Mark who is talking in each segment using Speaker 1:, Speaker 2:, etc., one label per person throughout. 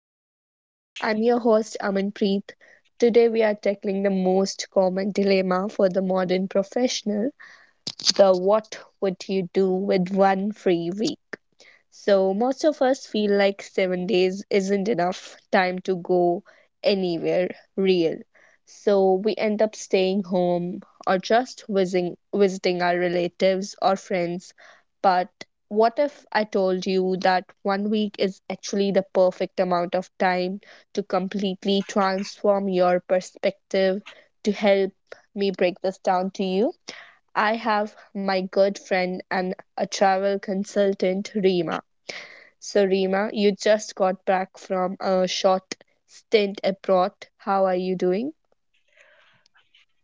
Speaker 1: podcast. I'm your host, Amanpreet. Today, we are tackling the most common dilemma for the modern professional, the what would you do with one free week? So most of us feel like 7 days isn't enough time to go anywhere real. So we end up staying home or just visiting our relatives or friends. But what if I told you that one week is actually the perfect amount of time to completely transform your perspective to help me break this down to you? I have my good friend and a travel consultant, Reema. So, Rima, you just got back from a short stint abroad. How are you doing?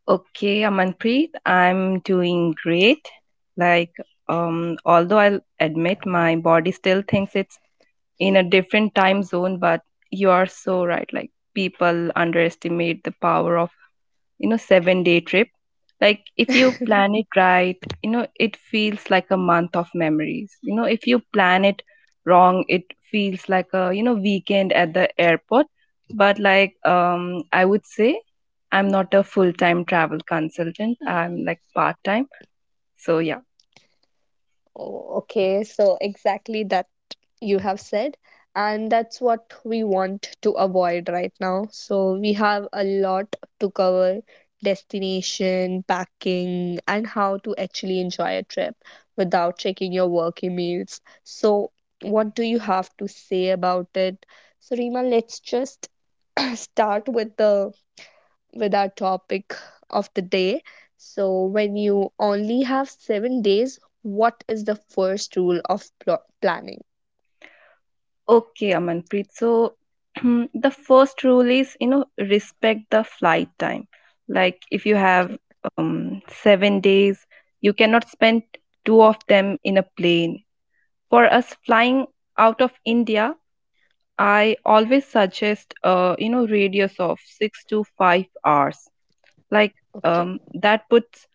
Speaker 2: Okay, Amanpreet, I'm doing great. Like, although I'll admit my body still thinks it's in a different time zone, but you are so right. Like, people underestimate the power of 7-day trip. Like, if you plan it right, it feels like a month of memories. If you plan it wrong, it feels like a, you know, weekend at the airport. But like I would say I'm not a full-time travel consultant. I'm like part-time. So, yeah.
Speaker 1: Oh, okay, so exactly that you have said. And that's what we want to avoid right now. So, we have a lot to cover: destination, packing, and how to actually enjoy a trip without checking your work emails. So, what do you have to say about it? So, Rima, let's just start with the with our topic of the day. So, when you only have 7 days, what is the first rule of planning?
Speaker 2: Okay, Amanpreet. So, the first rule is, respect the flight time. Like, if you have
Speaker 1: Okay.
Speaker 2: 7 days, you cannot spend two of them in a plane. For us flying out of India, I always suggest, radius of 6 to 5 hours. Like,
Speaker 1: Okay.
Speaker 2: that puts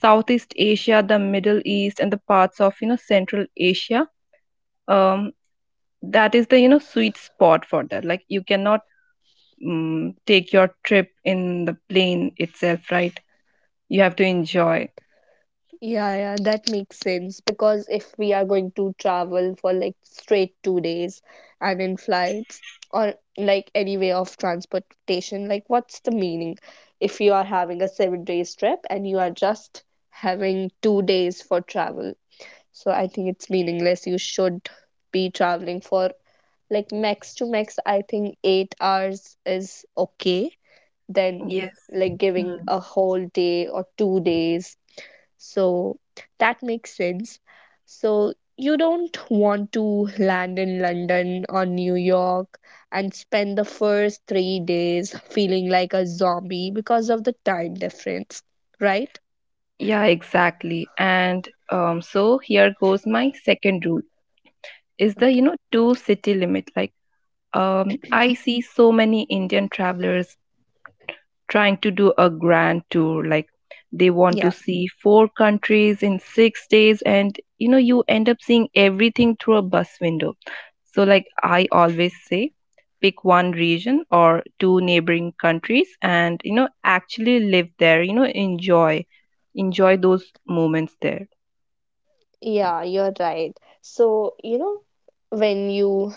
Speaker 2: Southeast Asia, the Middle East, and the parts of, you know, Central Asia. Um, that is the sweet spot for that. Like, you cannot take your trip in the plane itself, right? You have to enjoy.
Speaker 1: Yeah, yeah, that makes sense, because if we are going to travel for like straight 2 days and in flights or like any way of transportation, like what's the meaning if you are having a 7 days trip and you are just having 2 days for travel? So I think it's meaningless. You should be traveling for like max to max, I think 8 hours is okay, then
Speaker 2: Yes.
Speaker 1: like giving
Speaker 2: Mm.
Speaker 1: a whole day or 2 days. So that makes sense. So you don't want to land in London or New York and spend the first 3 days feeling like a zombie because of the time difference, right?
Speaker 2: Yeah, exactly. And so here goes my second rule, is the
Speaker 1: Okay.
Speaker 2: two city limit. Like, I see so many Indian travelers trying to do a grand tour. Like, they want to
Speaker 1: Yeah,
Speaker 2: see four countries in 6 days, and you end up seeing everything through a bus window. So, like, I always say, pick one region or two neighboring countries, and actually live there, enjoy those moments there.
Speaker 1: yeah, you're right. So, you know, when you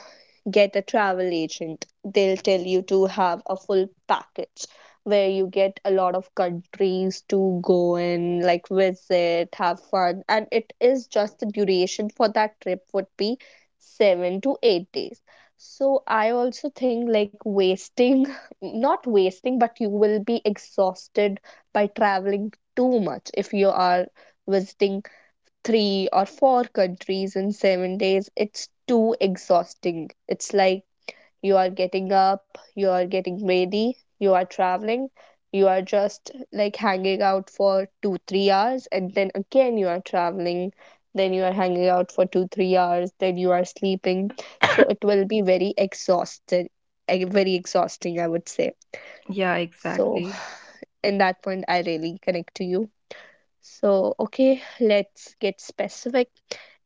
Speaker 1: get a travel agent, they'll tell you to have a full package where you get a lot of countries to go in, like visit, have fun. And it is just the duration for that trip would be 7 to 8 days. So I also think, like, wasting, not wasting, but you will be exhausted by traveling too much if you are visiting three or four countries in 7 days, it's too exhausting. It's like you are getting up, you are getting ready, you are traveling, you are just like hanging out for two, 3 hours, and then again you are traveling, then you are hanging out for two, 3 hours, then you are sleeping. So it will be very exhausted, very exhausting, I would say.
Speaker 2: Yeah,
Speaker 1: So,
Speaker 2: exactly.
Speaker 1: in that point, I really connect to you. So, okay, let's get specific.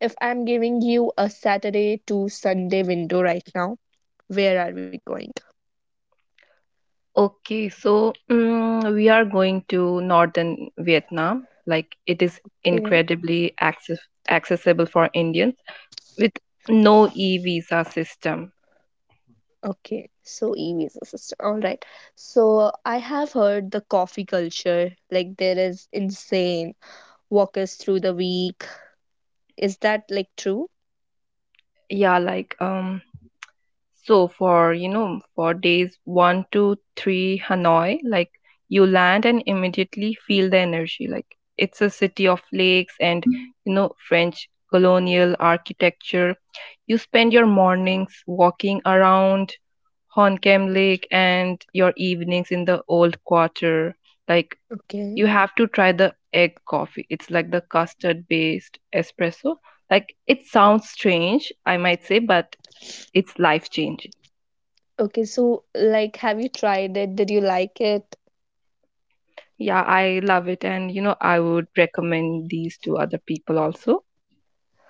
Speaker 1: If I'm giving you a Saturday to Sunday window right now, where are we going?
Speaker 2: Okay, so we are going to northern Vietnam. Like, it is
Speaker 1: Okay.
Speaker 2: incredibly accessible for Indians with no e-visa system.
Speaker 1: Okay, so e visa system. All right. So I have heard the coffee culture, like there is insane. Walk us through the week. Is that like true?
Speaker 2: Yeah, like so for for days 1 to 3, Hanoi. Like, you land and immediately feel the energy. Like, it's a city of lakes and French colonial architecture. You spend your mornings walking around Honkem Lake and your evenings in the old quarter. Like,
Speaker 1: Okay.
Speaker 2: you have to try the egg coffee. It's like the custard based espresso. Like, it sounds strange, I might say, but it's life changing.
Speaker 1: Okay, so like have you tried it? Did you like it?
Speaker 2: Yeah, I love it. And, I would recommend these to other people also.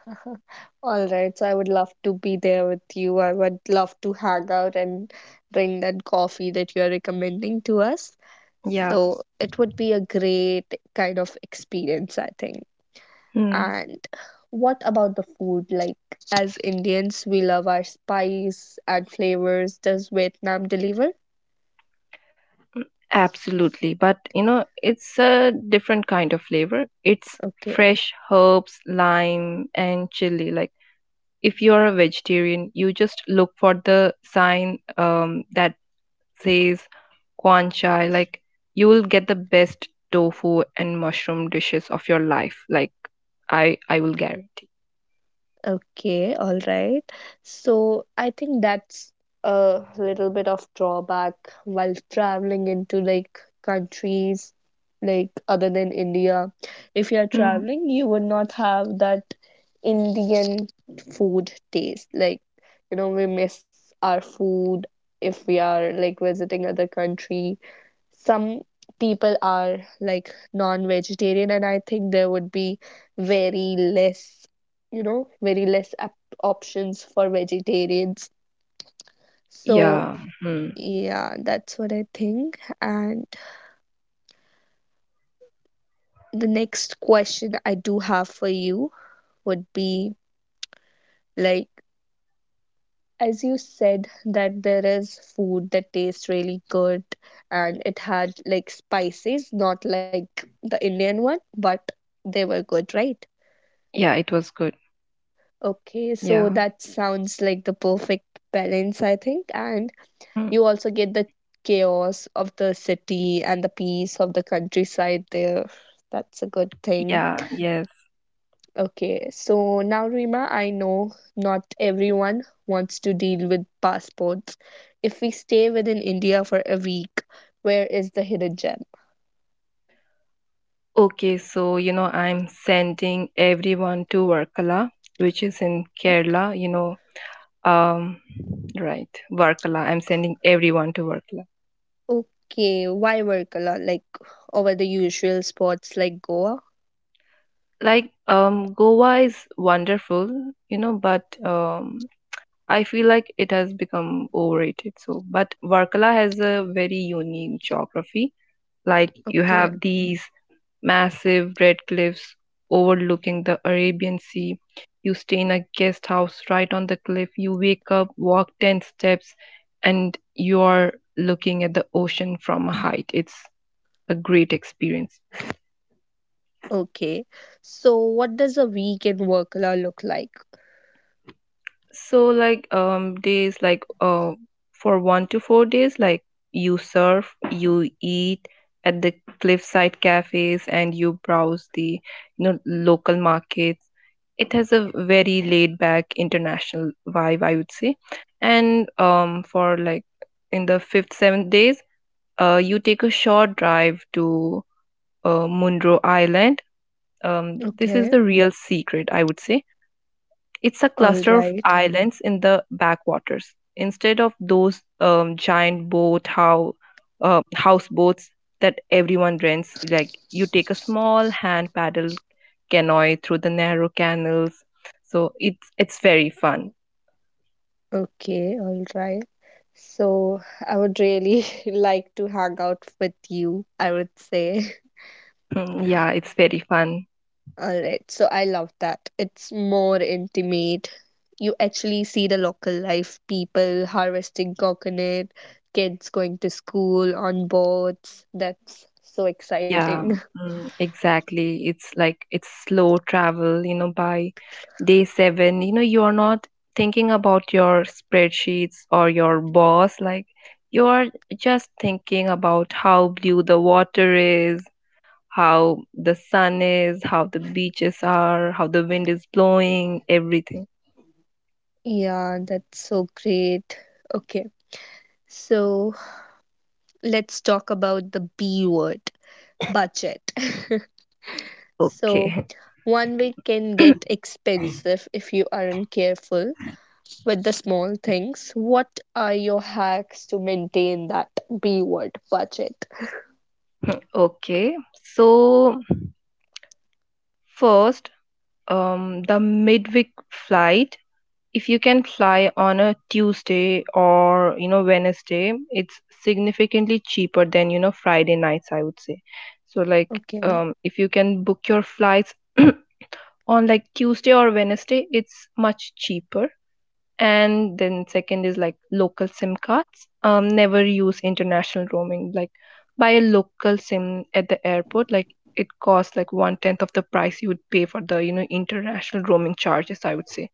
Speaker 1: All right, so I would love to be there with you. I would love to hang out and drink that coffee that you are recommending to us.
Speaker 2: Yeah.
Speaker 1: So it would be a great kind of experience, I think.
Speaker 2: Hmm.
Speaker 1: And what about the food? Like, as Indians, we love our spice and flavors. Does Vietnam deliver?
Speaker 2: Absolutely. But, it's a different kind of flavor. It's
Speaker 1: Okay.
Speaker 2: fresh herbs, lime, and chili. Like, if you're a vegetarian, you just look for the sign that says Quan Chai. Like, you will get the best tofu and mushroom dishes of your life. Like, I will guarantee.
Speaker 1: Okay, all right. So I think that's a little bit of drawback while traveling into like countries like other than India. If you're
Speaker 2: Mm.
Speaker 1: traveling, you would not have that Indian food taste. Like, you know, we miss our food if we are like visiting other country. Some people are like non-vegetarian, and I think there would be very less, you know, very less options for vegetarians. So
Speaker 2: Yeah. Mm.
Speaker 1: yeah, that's what I think. And the next question I do have for you would be, like, as you said that there is food that tastes really good and it had like spices, not like the Indian one, but they were good, right?
Speaker 2: Yeah, it was good.
Speaker 1: Okay, so
Speaker 2: Yeah.
Speaker 1: that sounds like the perfect balance, I think. And
Speaker 2: Mm.
Speaker 1: you also get the chaos of the city and the peace of the countryside there. That's a good thing.
Speaker 2: Yeah, yes.
Speaker 1: Okay, so now, Rima, I know not everyone wants to deal with passports. If we stay within India for a week, where is the hidden gem?
Speaker 2: Okay, so I'm sending everyone to Varkala, which is in
Speaker 1: Like,
Speaker 2: Kerala, you know. Um, right, Varkala. I'm sending everyone to Varkala.
Speaker 1: okay, why Varkala? Like, over the usual spots like Goa?
Speaker 2: Like, Goa is wonderful, but I feel like it has become overrated. So, but Varkala has a very unique geography. Like, you
Speaker 1: Okay.
Speaker 2: have these massive red cliffs overlooking the Arabian Sea. You stay in a guest house right on the cliff. You wake up, walk 10 steps, and you're looking at the ocean from a height. It's a great experience.
Speaker 1: Okay. So what does a weekend in Workla look like?
Speaker 2: So, like, days like for 1 to 4 days, like, you surf, you eat at the cliffside cafes, and you browse the local markets. It has a very laid back international vibe, I would say. And for like in the fifth, seventh days, you take a short drive to Munro Island. This is
Speaker 1: Okay.
Speaker 2: the real secret, I would say. It's a
Speaker 1: All
Speaker 2: cluster of
Speaker 1: right.
Speaker 2: islands in the backwaters. Instead of those giant boat how houseboats that everyone rents, like, you take a small hand paddle canoe through the narrow canals. So, it's very fun.
Speaker 1: Okay. All right. So I would really like to hang out with you, I would say.
Speaker 2: Mm. Yeah, it's very fun.
Speaker 1: All right. So I love that. It's more intimate. You actually see the local life, people harvesting coconut, kids going to school on boats. That's so
Speaker 2: Yeah,
Speaker 1: exciting.
Speaker 2: exactly. It's like it's slow travel, by day 7, you are not thinking about your spreadsheets or your boss. Like, you are just thinking about how blue the water is, how the sun is, how the beaches are, how the wind is blowing, everything.
Speaker 1: Yeah, that's so great. Okay. So let's talk about the B word, budget. So,
Speaker 2: Okay.
Speaker 1: one week can get expensive if you aren't careful with the small things. What are your hacks to maintain that B word budget?
Speaker 2: Okay. So, first, the midweek flight. If you can fly on a Tuesday or Wednesday, it's significantly cheaper than Friday nights, I would say. So, like,
Speaker 1: Okay,
Speaker 2: if you can book your flights on like Tuesday or Wednesday, it's much cheaper. And then, second is like local SIM cards. Never use international roaming. Like, buy a local SIM at the airport. Like, it costs like one tenth of the price you would pay for the international roaming charges, I would say.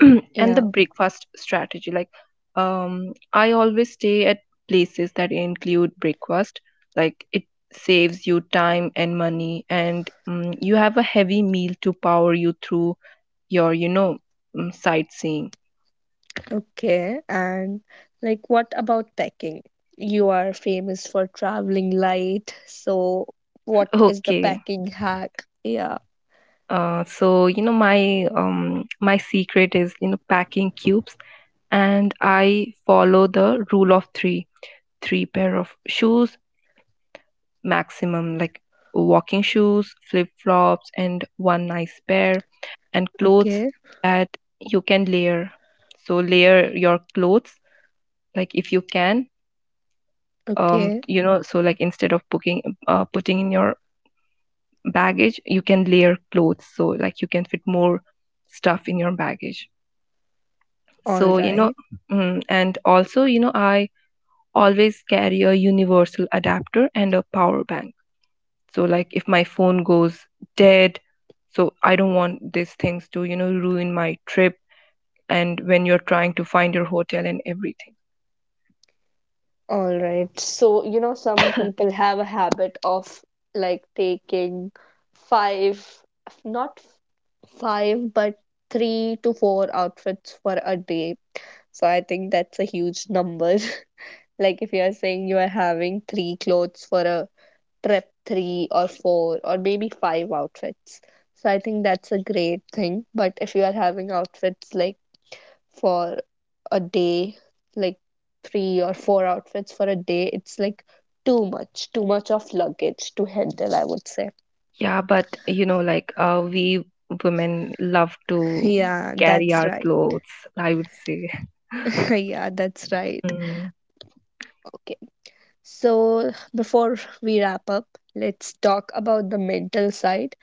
Speaker 2: And
Speaker 1: yeah,
Speaker 2: the breakfast strategy, like, I always stay at places that include breakfast. Like, it saves you time and money, and you have a heavy meal to power you through your sightseeing.
Speaker 1: okay. And like, what about packing? You are famous for traveling light, so what is the
Speaker 2: Okay.
Speaker 1: packing hack? Yeah,
Speaker 2: So, my my secret is, packing cubes. And I follow the rule of 3, three pair of shoes maximum, like walking shoes, flip flops, and one nice pair, and clothes
Speaker 1: okay,
Speaker 2: that you can layer. So, layer your clothes, like, if you can,
Speaker 1: okay,
Speaker 2: so, like, instead of booking, putting in your baggage, you can layer clothes. So, like, you can fit more stuff in your baggage.
Speaker 1: all
Speaker 2: So,
Speaker 1: right.
Speaker 2: and also, I always carry a universal adapter and a power bank. So, like, if my phone goes dead, so I don't want these things to ruin my trip and when you're trying to find your hotel and everything.
Speaker 1: All right. So, you know, some people have a habit of like taking five, not five, but three to four outfits for a day. So I think that's a huge number. Like, if you are saying you are having three clothes for a trip, three or four or maybe five outfits. So I think that's a great thing. But if you are having outfits like for a day, like three or four outfits for a day, it's like too much of luggage to handle, I would say.
Speaker 2: Yeah, but like we women love to
Speaker 1: Yeah,
Speaker 2: carry
Speaker 1: that's
Speaker 2: our
Speaker 1: right.
Speaker 2: clothes, I would say.
Speaker 1: Yeah, that's right.
Speaker 2: Mm.
Speaker 1: Okay. So, before we wrap up, let's talk about the mental side.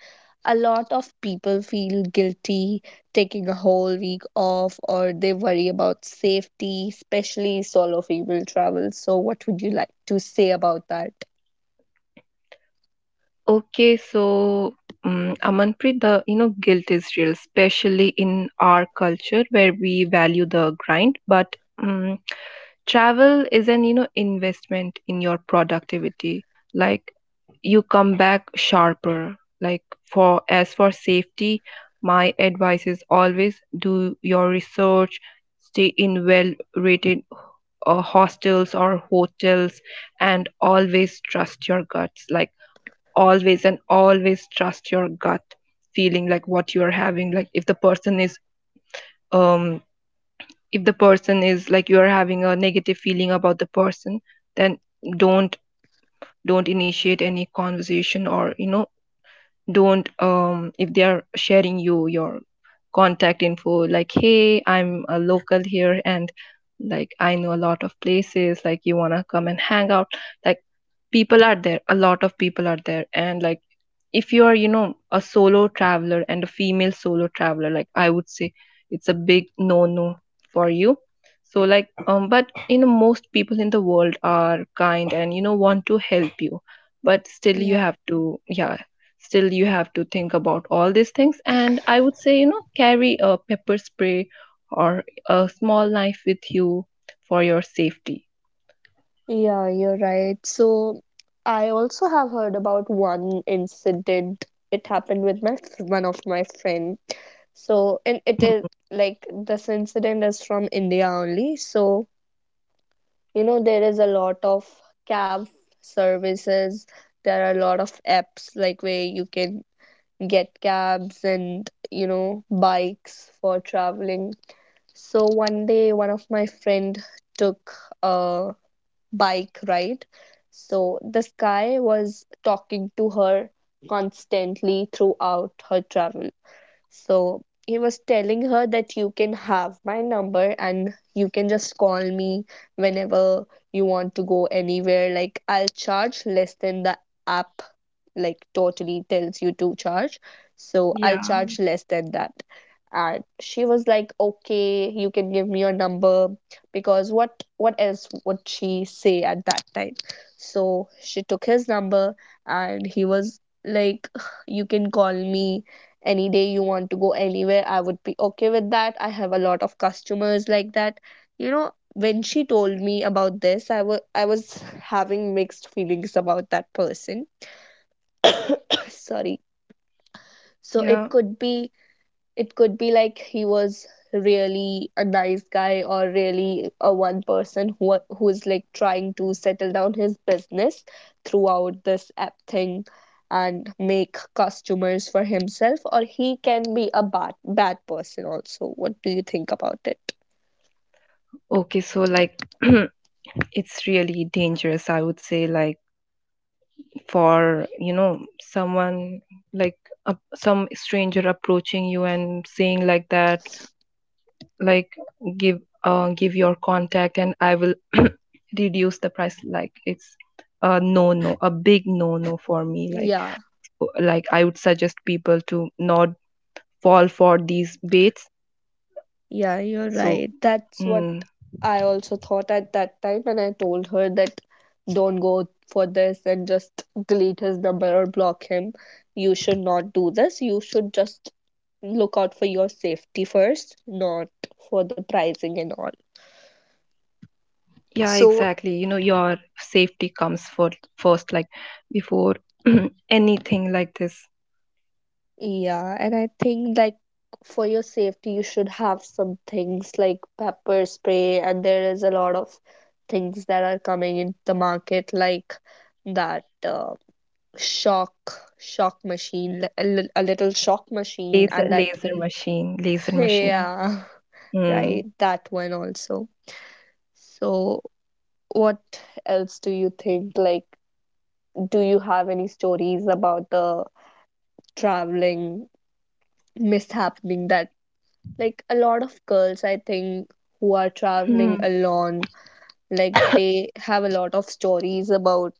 Speaker 1: A lot of people feel guilty taking a whole week off, or they worry about safety, especially solo female travel. So, what would you like to say about that?
Speaker 2: Okay, so Amanpreet, the guilt is real, especially in our culture where we value the grind, but travel is an investment in your productivity. Like, you come back sharper. Like, for as for safety, my advice is always do your research, stay in well rated hostels or hotels, and always trust your guts. Like, always and always trust your gut feeling, like what you are having. Like, if the person is um like you are having a negative feeling about the person, then don't don't initiate any conversation, or don't if they are sharing you your contact info, like, hey, I'm a local here, and like, I know a lot of places, like, you want to come and hang out, like, people are there, a lot of people are there. And, like, if you are a solo traveler and a female solo traveler, like, I would say it's a big no no for you. So, like, but most people in the world are kind and want to help you, but still, you
Speaker 1: Yeah.
Speaker 2: have to, yeah. Still, you have to think about all these things. And I would say, carry a pepper spray or a small knife with you for your safety.
Speaker 1: Yeah, you're right. So I also have heard about one incident. It happened with my one of my friend. So, and it
Speaker 2: Hmm.
Speaker 1: is like this incident is from India only. So, you know, there is a lot of cab services. There are a lot of apps like where you can get cabs and, you know, bikes for traveling. So one day one of my friend took a bike ride. So the sky was talking to her constantly throughout her travel. So he was telling her that you can have my number and you can just call me whenever you want to go anywhere. Like, I'll charge less than the app like totally tells you to charge. So
Speaker 2: Yeah,
Speaker 1: I'll charge less than that. And she was like, okay, you can give me your number, because what else would she say at that time? So she took his number and he was like, you can call me any day you want to go anywhere. I would be okay with that. I have a lot of customers like that. You know, when she told me about this, I was having mixed feelings about that person. Sorry. So
Speaker 2: yeah.
Speaker 1: it could be, it could be like he was really a nice guy or really a one person who's like trying to settle down his business throughout this app thing and make customers for himself, or he can be a bad person also. What do you think about it?
Speaker 2: Okay, so, like, it's really dangerous, I would say, like, for, someone like some stranger approaching you and saying like that, like, give your contact and I will reduce the price. Like, it's a no no, a big no no for me. like
Speaker 1: Yeah.
Speaker 2: like I would suggest people to not fall for these baits.
Speaker 1: Yeah, you're
Speaker 2: So,
Speaker 1: right. That's what
Speaker 2: mm,
Speaker 1: I also thought at that time, and I told her that don't go for this and just delete his number or block him. You should not do this. You should just look out for your safety first, not for the pricing and all.
Speaker 2: yeah, exactly.
Speaker 1: So,
Speaker 2: Your safety comes for first, like before anything like this.
Speaker 1: yeah, and I think, like, for your safety, you should have some things like pepper spray, and there is a lot of things that are coming in the market like that. Shock shock machine, a little shock machine
Speaker 2: laser
Speaker 1: and that.
Speaker 2: laser machine, laser machine.
Speaker 1: Yeah.
Speaker 2: Hmm.
Speaker 1: Right, that one also. So what else do you think, like, do you have any stories about the traveling mishappening that, like, a lot of girls, I think, who are traveling
Speaker 2: Hmm.
Speaker 1: alone, like they have a lot of stories about,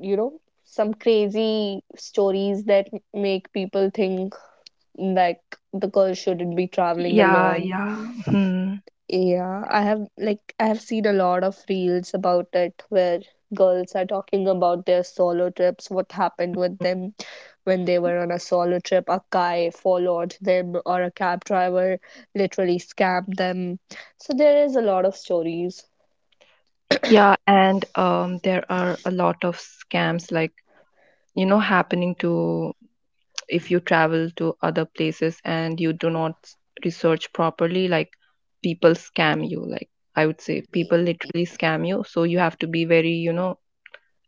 Speaker 1: you know, some crazy stories that make people think like the girl shouldn't be traveling
Speaker 2: Yeah,
Speaker 1: alone.
Speaker 2: yeah. Hmm.
Speaker 1: Yeah, I have like I have seen a lot of reels about it where girls are talking about their solo trips, what happened with them when they were on a solo trip, a guy followed them or a cab driver literally scammed them. So there is a lot of stories.
Speaker 2: Yeah, and there are a lot of scams like happening to, if you travel to other places and you do not research properly. Like, people scam you. Like, I would say
Speaker 1: E,
Speaker 2: people literally scam you. So, you have to be very,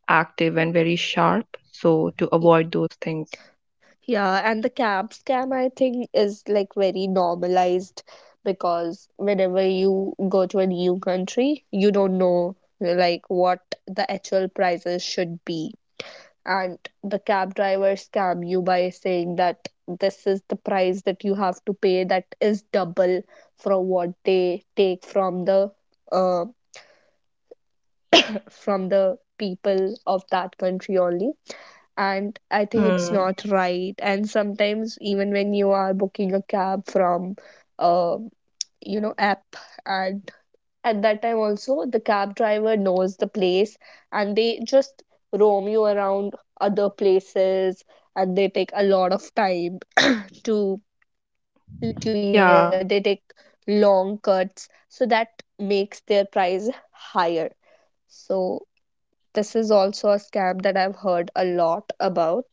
Speaker 2: active and very sharp, so to
Speaker 1: e,
Speaker 2: avoid those things.
Speaker 1: yeah, and the camp scam, I think, is like very normalized, because whenever you go to a new country, you don't know like what the actual prices should be. And the cab driver scam you by saying that this is the price that you have to pay, that is double from what they take uh, from the people of that country only. And I think it's
Speaker 2: Hmm.
Speaker 1: not right. And sometimes even when you are booking a cab from uh, you know, app, and at that time also the cab driver knows the place and they just roam you around other places, and they take a lot of time to let you be there.
Speaker 2: Yeah.
Speaker 1: They take long cuts so that makes their price higher. So this is also a scam that I've heard a lot about,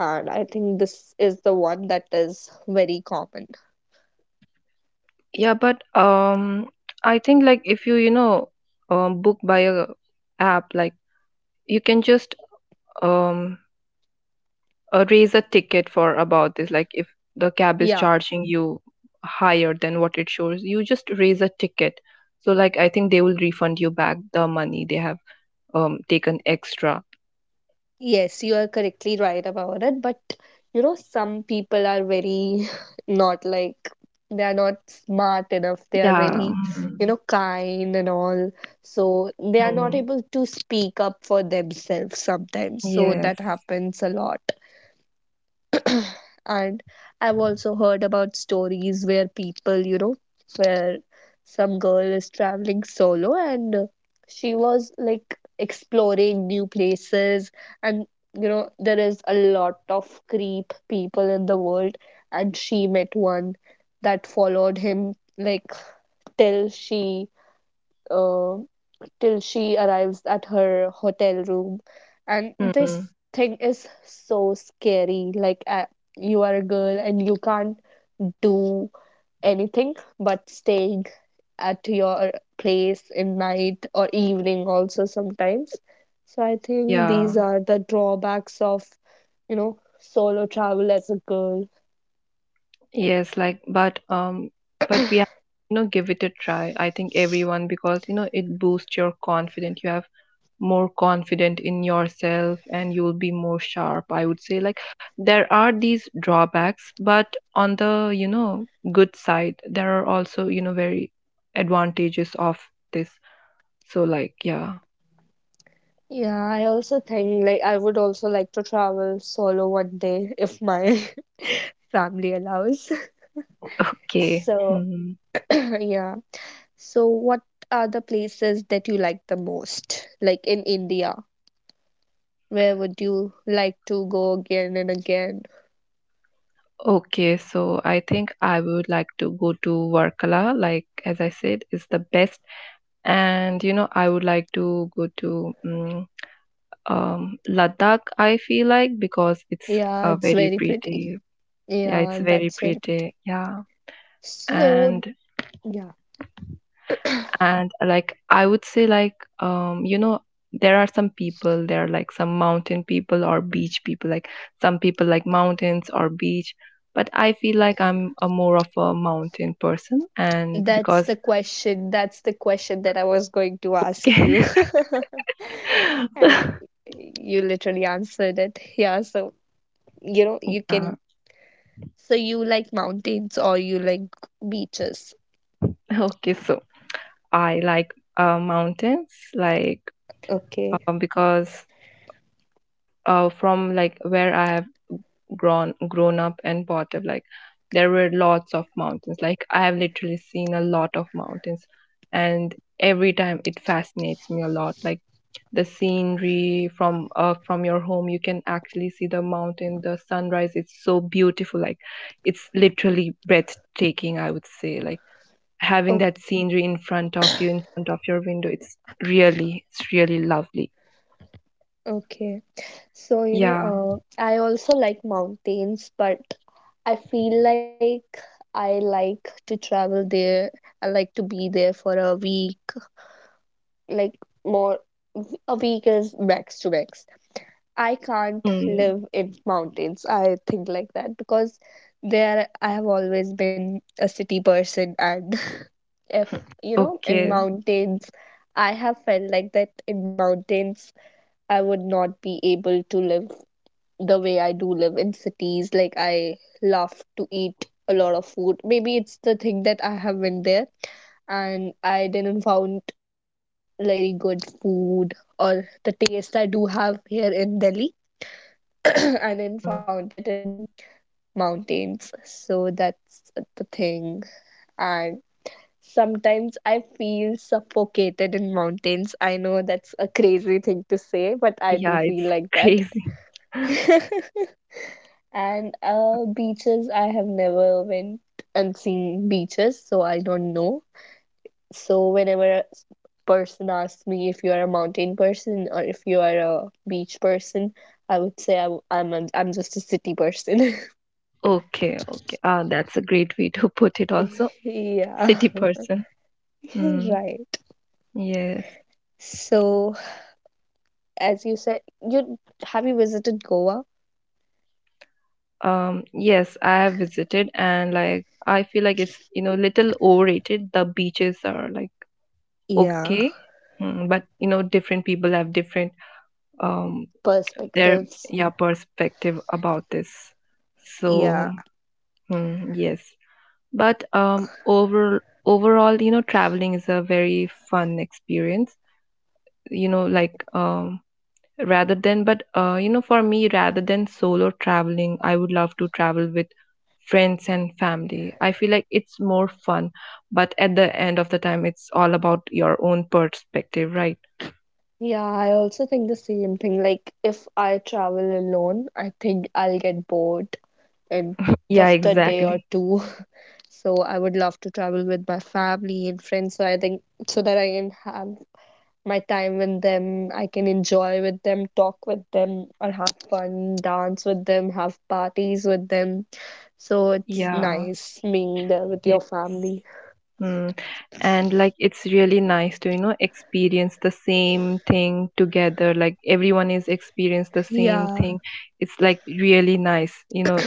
Speaker 1: and I think this is the one that is very common.
Speaker 2: Yeah, but I think, like, if you, book by a app, like, you can just um raise a ticket for about this. Like, if the cab is
Speaker 1: Yeah,
Speaker 2: charging you higher than what it shows, you just raise a ticket. So, like, I think they will refund you back the money they have taken extra.
Speaker 1: yes, you are correctly right about it, but you know, some people are very not like they are not smart enough. They are
Speaker 2: Yeah.
Speaker 1: very, you
Speaker 2: Mm.
Speaker 1: know, kind and all, so they are not
Speaker 2: Mm,
Speaker 1: able to speak up for themselves sometimes, so
Speaker 2: yes.
Speaker 1: that happens a lot. And I've also heard about stories where people, you know, where some girl is traveling solo, and she was like exploring new places. And, you know, there is a lot of creep people in the world. And she met one that followed him like till she uh, till she arrives at her hotel room. And this
Speaker 2: Mm.
Speaker 1: thing is so scary. Like, you are a girl and you can't do anything but staying at your place in night or evening also sometimes. So I think
Speaker 2: Yeah,
Speaker 1: these are the drawbacks of, you know, solo travel as a girl.
Speaker 2: yes. Like, but we have, give it a try, I think, everyone, because it boosts your confidence. You have more confident in yourself, and you'll be more sharp, I would say. Like, there are these drawbacks, but on the good side, there are also very advantages of this. So, like, yeah.
Speaker 1: Yeah, I also think like I would also like to travel solo one day if my family allows.
Speaker 2: Okay.
Speaker 1: So
Speaker 2: Hmm.
Speaker 1: yeah. So, what are the places that you like the most? Like in India, where would you like to go again and again?
Speaker 2: Okay, so I think I would like to go to Varkala, like, as I said, is the best. And I would like to go to Ladakh, I feel like, because it's
Speaker 1: Yeah,
Speaker 2: a
Speaker 1: it's
Speaker 2: very
Speaker 1: very
Speaker 2: pretty.
Speaker 1: pretty.
Speaker 2: Yeah,
Speaker 1: Yeah,
Speaker 2: it's very
Speaker 1: that's very
Speaker 2: pretty.
Speaker 1: pretty.
Speaker 2: Yeah.
Speaker 1: So,
Speaker 2: And
Speaker 1: yeah,
Speaker 2: and like, I would say, like, um you know there are some people, there are like some mountain people or beach people. Like, some people like mountains or beach, but I feel like I'm a more of a mountain person. And
Speaker 1: that's
Speaker 2: because
Speaker 1: the question. That's the question that I was going to ask you. And you literally answered it. Yeah, so, you know, you can.
Speaker 2: yeah,
Speaker 1: So, you like mountains or you like beaches?
Speaker 2: okay, so I like mountains, like
Speaker 1: Okay.
Speaker 2: because from like where I have grown up and brought up, like, there were lots of mountains. Like, I have literally seen a lot of mountains, and every time it fascinates me a lot. Like, the scenery from your home, you can actually see the mountain, the sunrise. It's so beautiful. Like, it's literally breathtaking, I would say. Like, having that
Speaker 1: Okay.
Speaker 2: scenery in front of you, in front of your window, it's really lovely.
Speaker 1: Okay. So, you know,
Speaker 2: Yeah.
Speaker 1: I also like mountains, but I feel like I like to travel there. I like to be there for a week, like more, a week is max to max. I can't
Speaker 2: Hmm.
Speaker 1: live in mountains. I think like that because there I have always been a city person, and if you know, in
Speaker 2: Okay.
Speaker 1: mountains, I have felt like that in mountains, I would not be able to live the way I do live in cities. Like I love to eat a lot of food. Maybe it's the thing that I have went there and I didn't found like very good food or the taste I do have here in Delhi. I didn't
Speaker 2: Hmm.
Speaker 1: found it in mountains. So that's the thing. And sometimes I feel suffocated in mountains. I know that's a crazy thing to say, but I
Speaker 2: Yeah,
Speaker 1: do
Speaker 2: it's
Speaker 1: feel like that.
Speaker 2: crazy.
Speaker 1: And beaches, I have never went and seen beaches, so I don't know. So whenever a person asks me if you are a mountain person or if you are a beach person, I would say I, am a, I'm just a city person.
Speaker 2: Okay, okay. That's a great way to put it also.
Speaker 1: Yeah,
Speaker 2: City person. Mm,
Speaker 1: right.
Speaker 2: yes.
Speaker 1: So as you said, you have you visited Goa?
Speaker 2: Yes, I have visited, and like, I feel like it's, little overrated. The beaches are like
Speaker 1: Yeah.
Speaker 2: okay, but different people have different um their
Speaker 1: Perspectives.
Speaker 2: yeah perspective about this. So,
Speaker 1: Yeah.
Speaker 2: yes. But overall, traveling is a very fun experience. Like rather than but you know for me rather than solo traveling, I would love to travel with friends and family. I feel like it's more fun. But at the end of the time, it's all about your own perspective, right?
Speaker 1: Yeah, I also think the same thing. Like, if I travel alone, I think I'll get bored in
Speaker 2: Yeah,
Speaker 1: just a day or
Speaker 2: exactly.
Speaker 1: two. So, I would love to travel with my family and friends. So, I think so that I can have my time with them, I can enjoy with them, talk with them, or have fun, dance with them, have parties with them. So, it's
Speaker 2: Yeah,
Speaker 1: nice being there with
Speaker 2: yes.
Speaker 1: your family.
Speaker 2: Mm. And, like, it's really nice to experience the same thing together. Like, everyone is experience the same
Speaker 1: Yeah.
Speaker 2: thing. It's like really nice,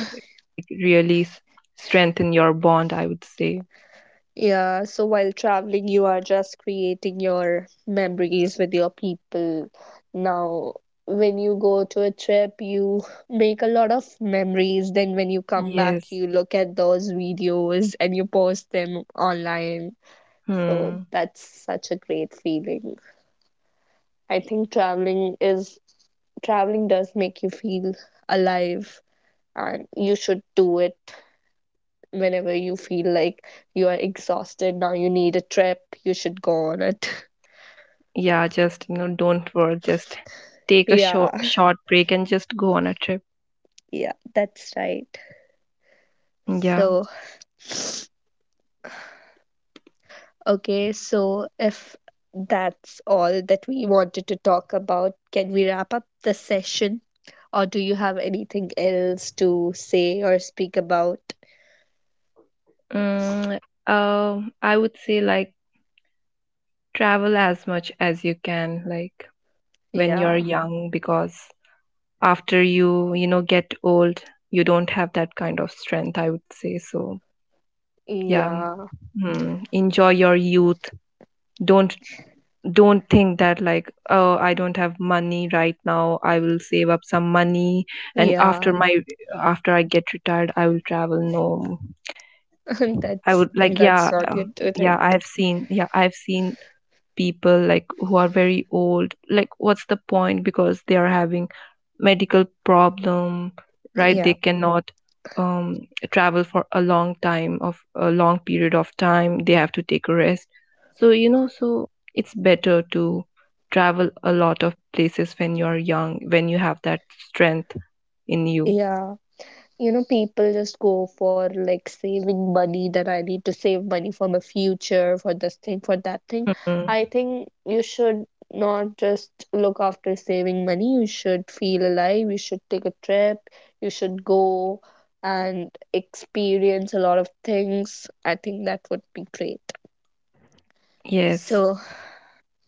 Speaker 2: really strengthen your bond, I would say.
Speaker 1: Yeah, so while traveling, you are just creating your memories with your people. Now, when you go to a trip, you make a lot of memories. Then, when you come back,
Speaker 2: Yes.
Speaker 1: you look at those videos and you post them online. So,
Speaker 2: Hmm.
Speaker 1: that's such a great feeling. I think traveling is traveling does make you feel alive, and you should do it whenever you feel like you are exhausted, now you need a trip, you should go on it.
Speaker 2: Yeah, just, don't worry. Just take a
Speaker 1: Yeah,
Speaker 2: short break and just go on a trip.
Speaker 1: yeah, that's right.
Speaker 2: Yeah.
Speaker 1: So, okay, so if that's all that we wanted to talk about, can we wrap up the session? Or do you have anything else to say or speak about?
Speaker 2: Mm, uh, I would say, like, travel as much as you can, like, when you're
Speaker 1: Yeah,
Speaker 2: young. Because after you, get old, you don't have that kind of strength, I would say. So, yeah.
Speaker 1: yeah,
Speaker 2: Hmm. Enjoy your youth. Don't don't think that, like, oh, I don't have money right now, I will save up some money, and after
Speaker 1: yeah.
Speaker 2: my after I get retired, I will travel, no. I
Speaker 1: that's
Speaker 2: would like,
Speaker 1: that's
Speaker 2: yeah,
Speaker 1: not good to
Speaker 2: yeah
Speaker 1: think.
Speaker 2: I have seen yeah, I've seen people like who are very old, like, what's the point, because they are having medical problem, right? They
Speaker 1: Yeah,
Speaker 2: cannot um, travel for a long period of time. They have to take a rest. So, so it's better to travel a lot of places when you're young, when you have that strength in you.
Speaker 1: yeah. You know, people just go for like saving money, that I need to save money for my future, for this thing, for that thing.
Speaker 2: Hmm.
Speaker 1: I think you should not just look after saving money. You should feel alive, you should take a trip, you should go and experience a lot of things. I think that would be great.
Speaker 2: Yes.
Speaker 1: So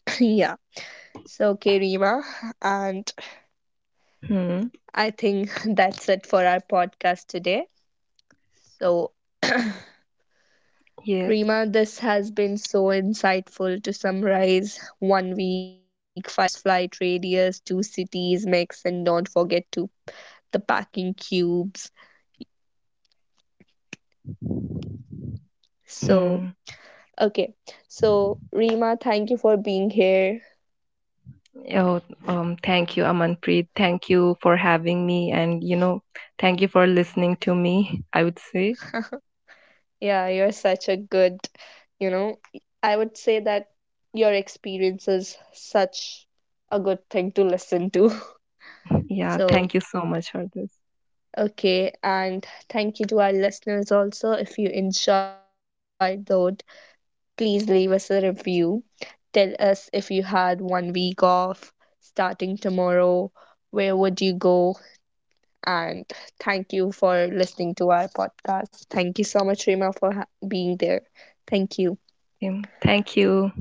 Speaker 1: yeah. So okay, Rima, and
Speaker 2: Hmm.
Speaker 1: I think that's it for our podcast today. So
Speaker 2: Yes.
Speaker 1: Rima, this has been so insightful to summarize 1 week, 5 hours, flight radius, two cities mix, and don't forget to the packing cubes. So,
Speaker 2: Hmm.
Speaker 1: okay. So, Rima, thank you for being here.
Speaker 2: Oh, thank you, Amanpreet. Thank you for having me, and thank you for listening to me, I would say.
Speaker 1: Yeah, you're such a good, you know, I would say that your experience is such a good thing to listen to.
Speaker 2: Yeah,
Speaker 1: So,
Speaker 2: thank you so much for this.
Speaker 1: okay, and thank you to our listeners also if you enjoyed this episode. Please leave us a review. Tell us if you had 1 week off starting tomorrow, where would you go? And thank you for listening to our podcast. Thank you so much, Rima, for being there. Thank you.
Speaker 2: Thank you.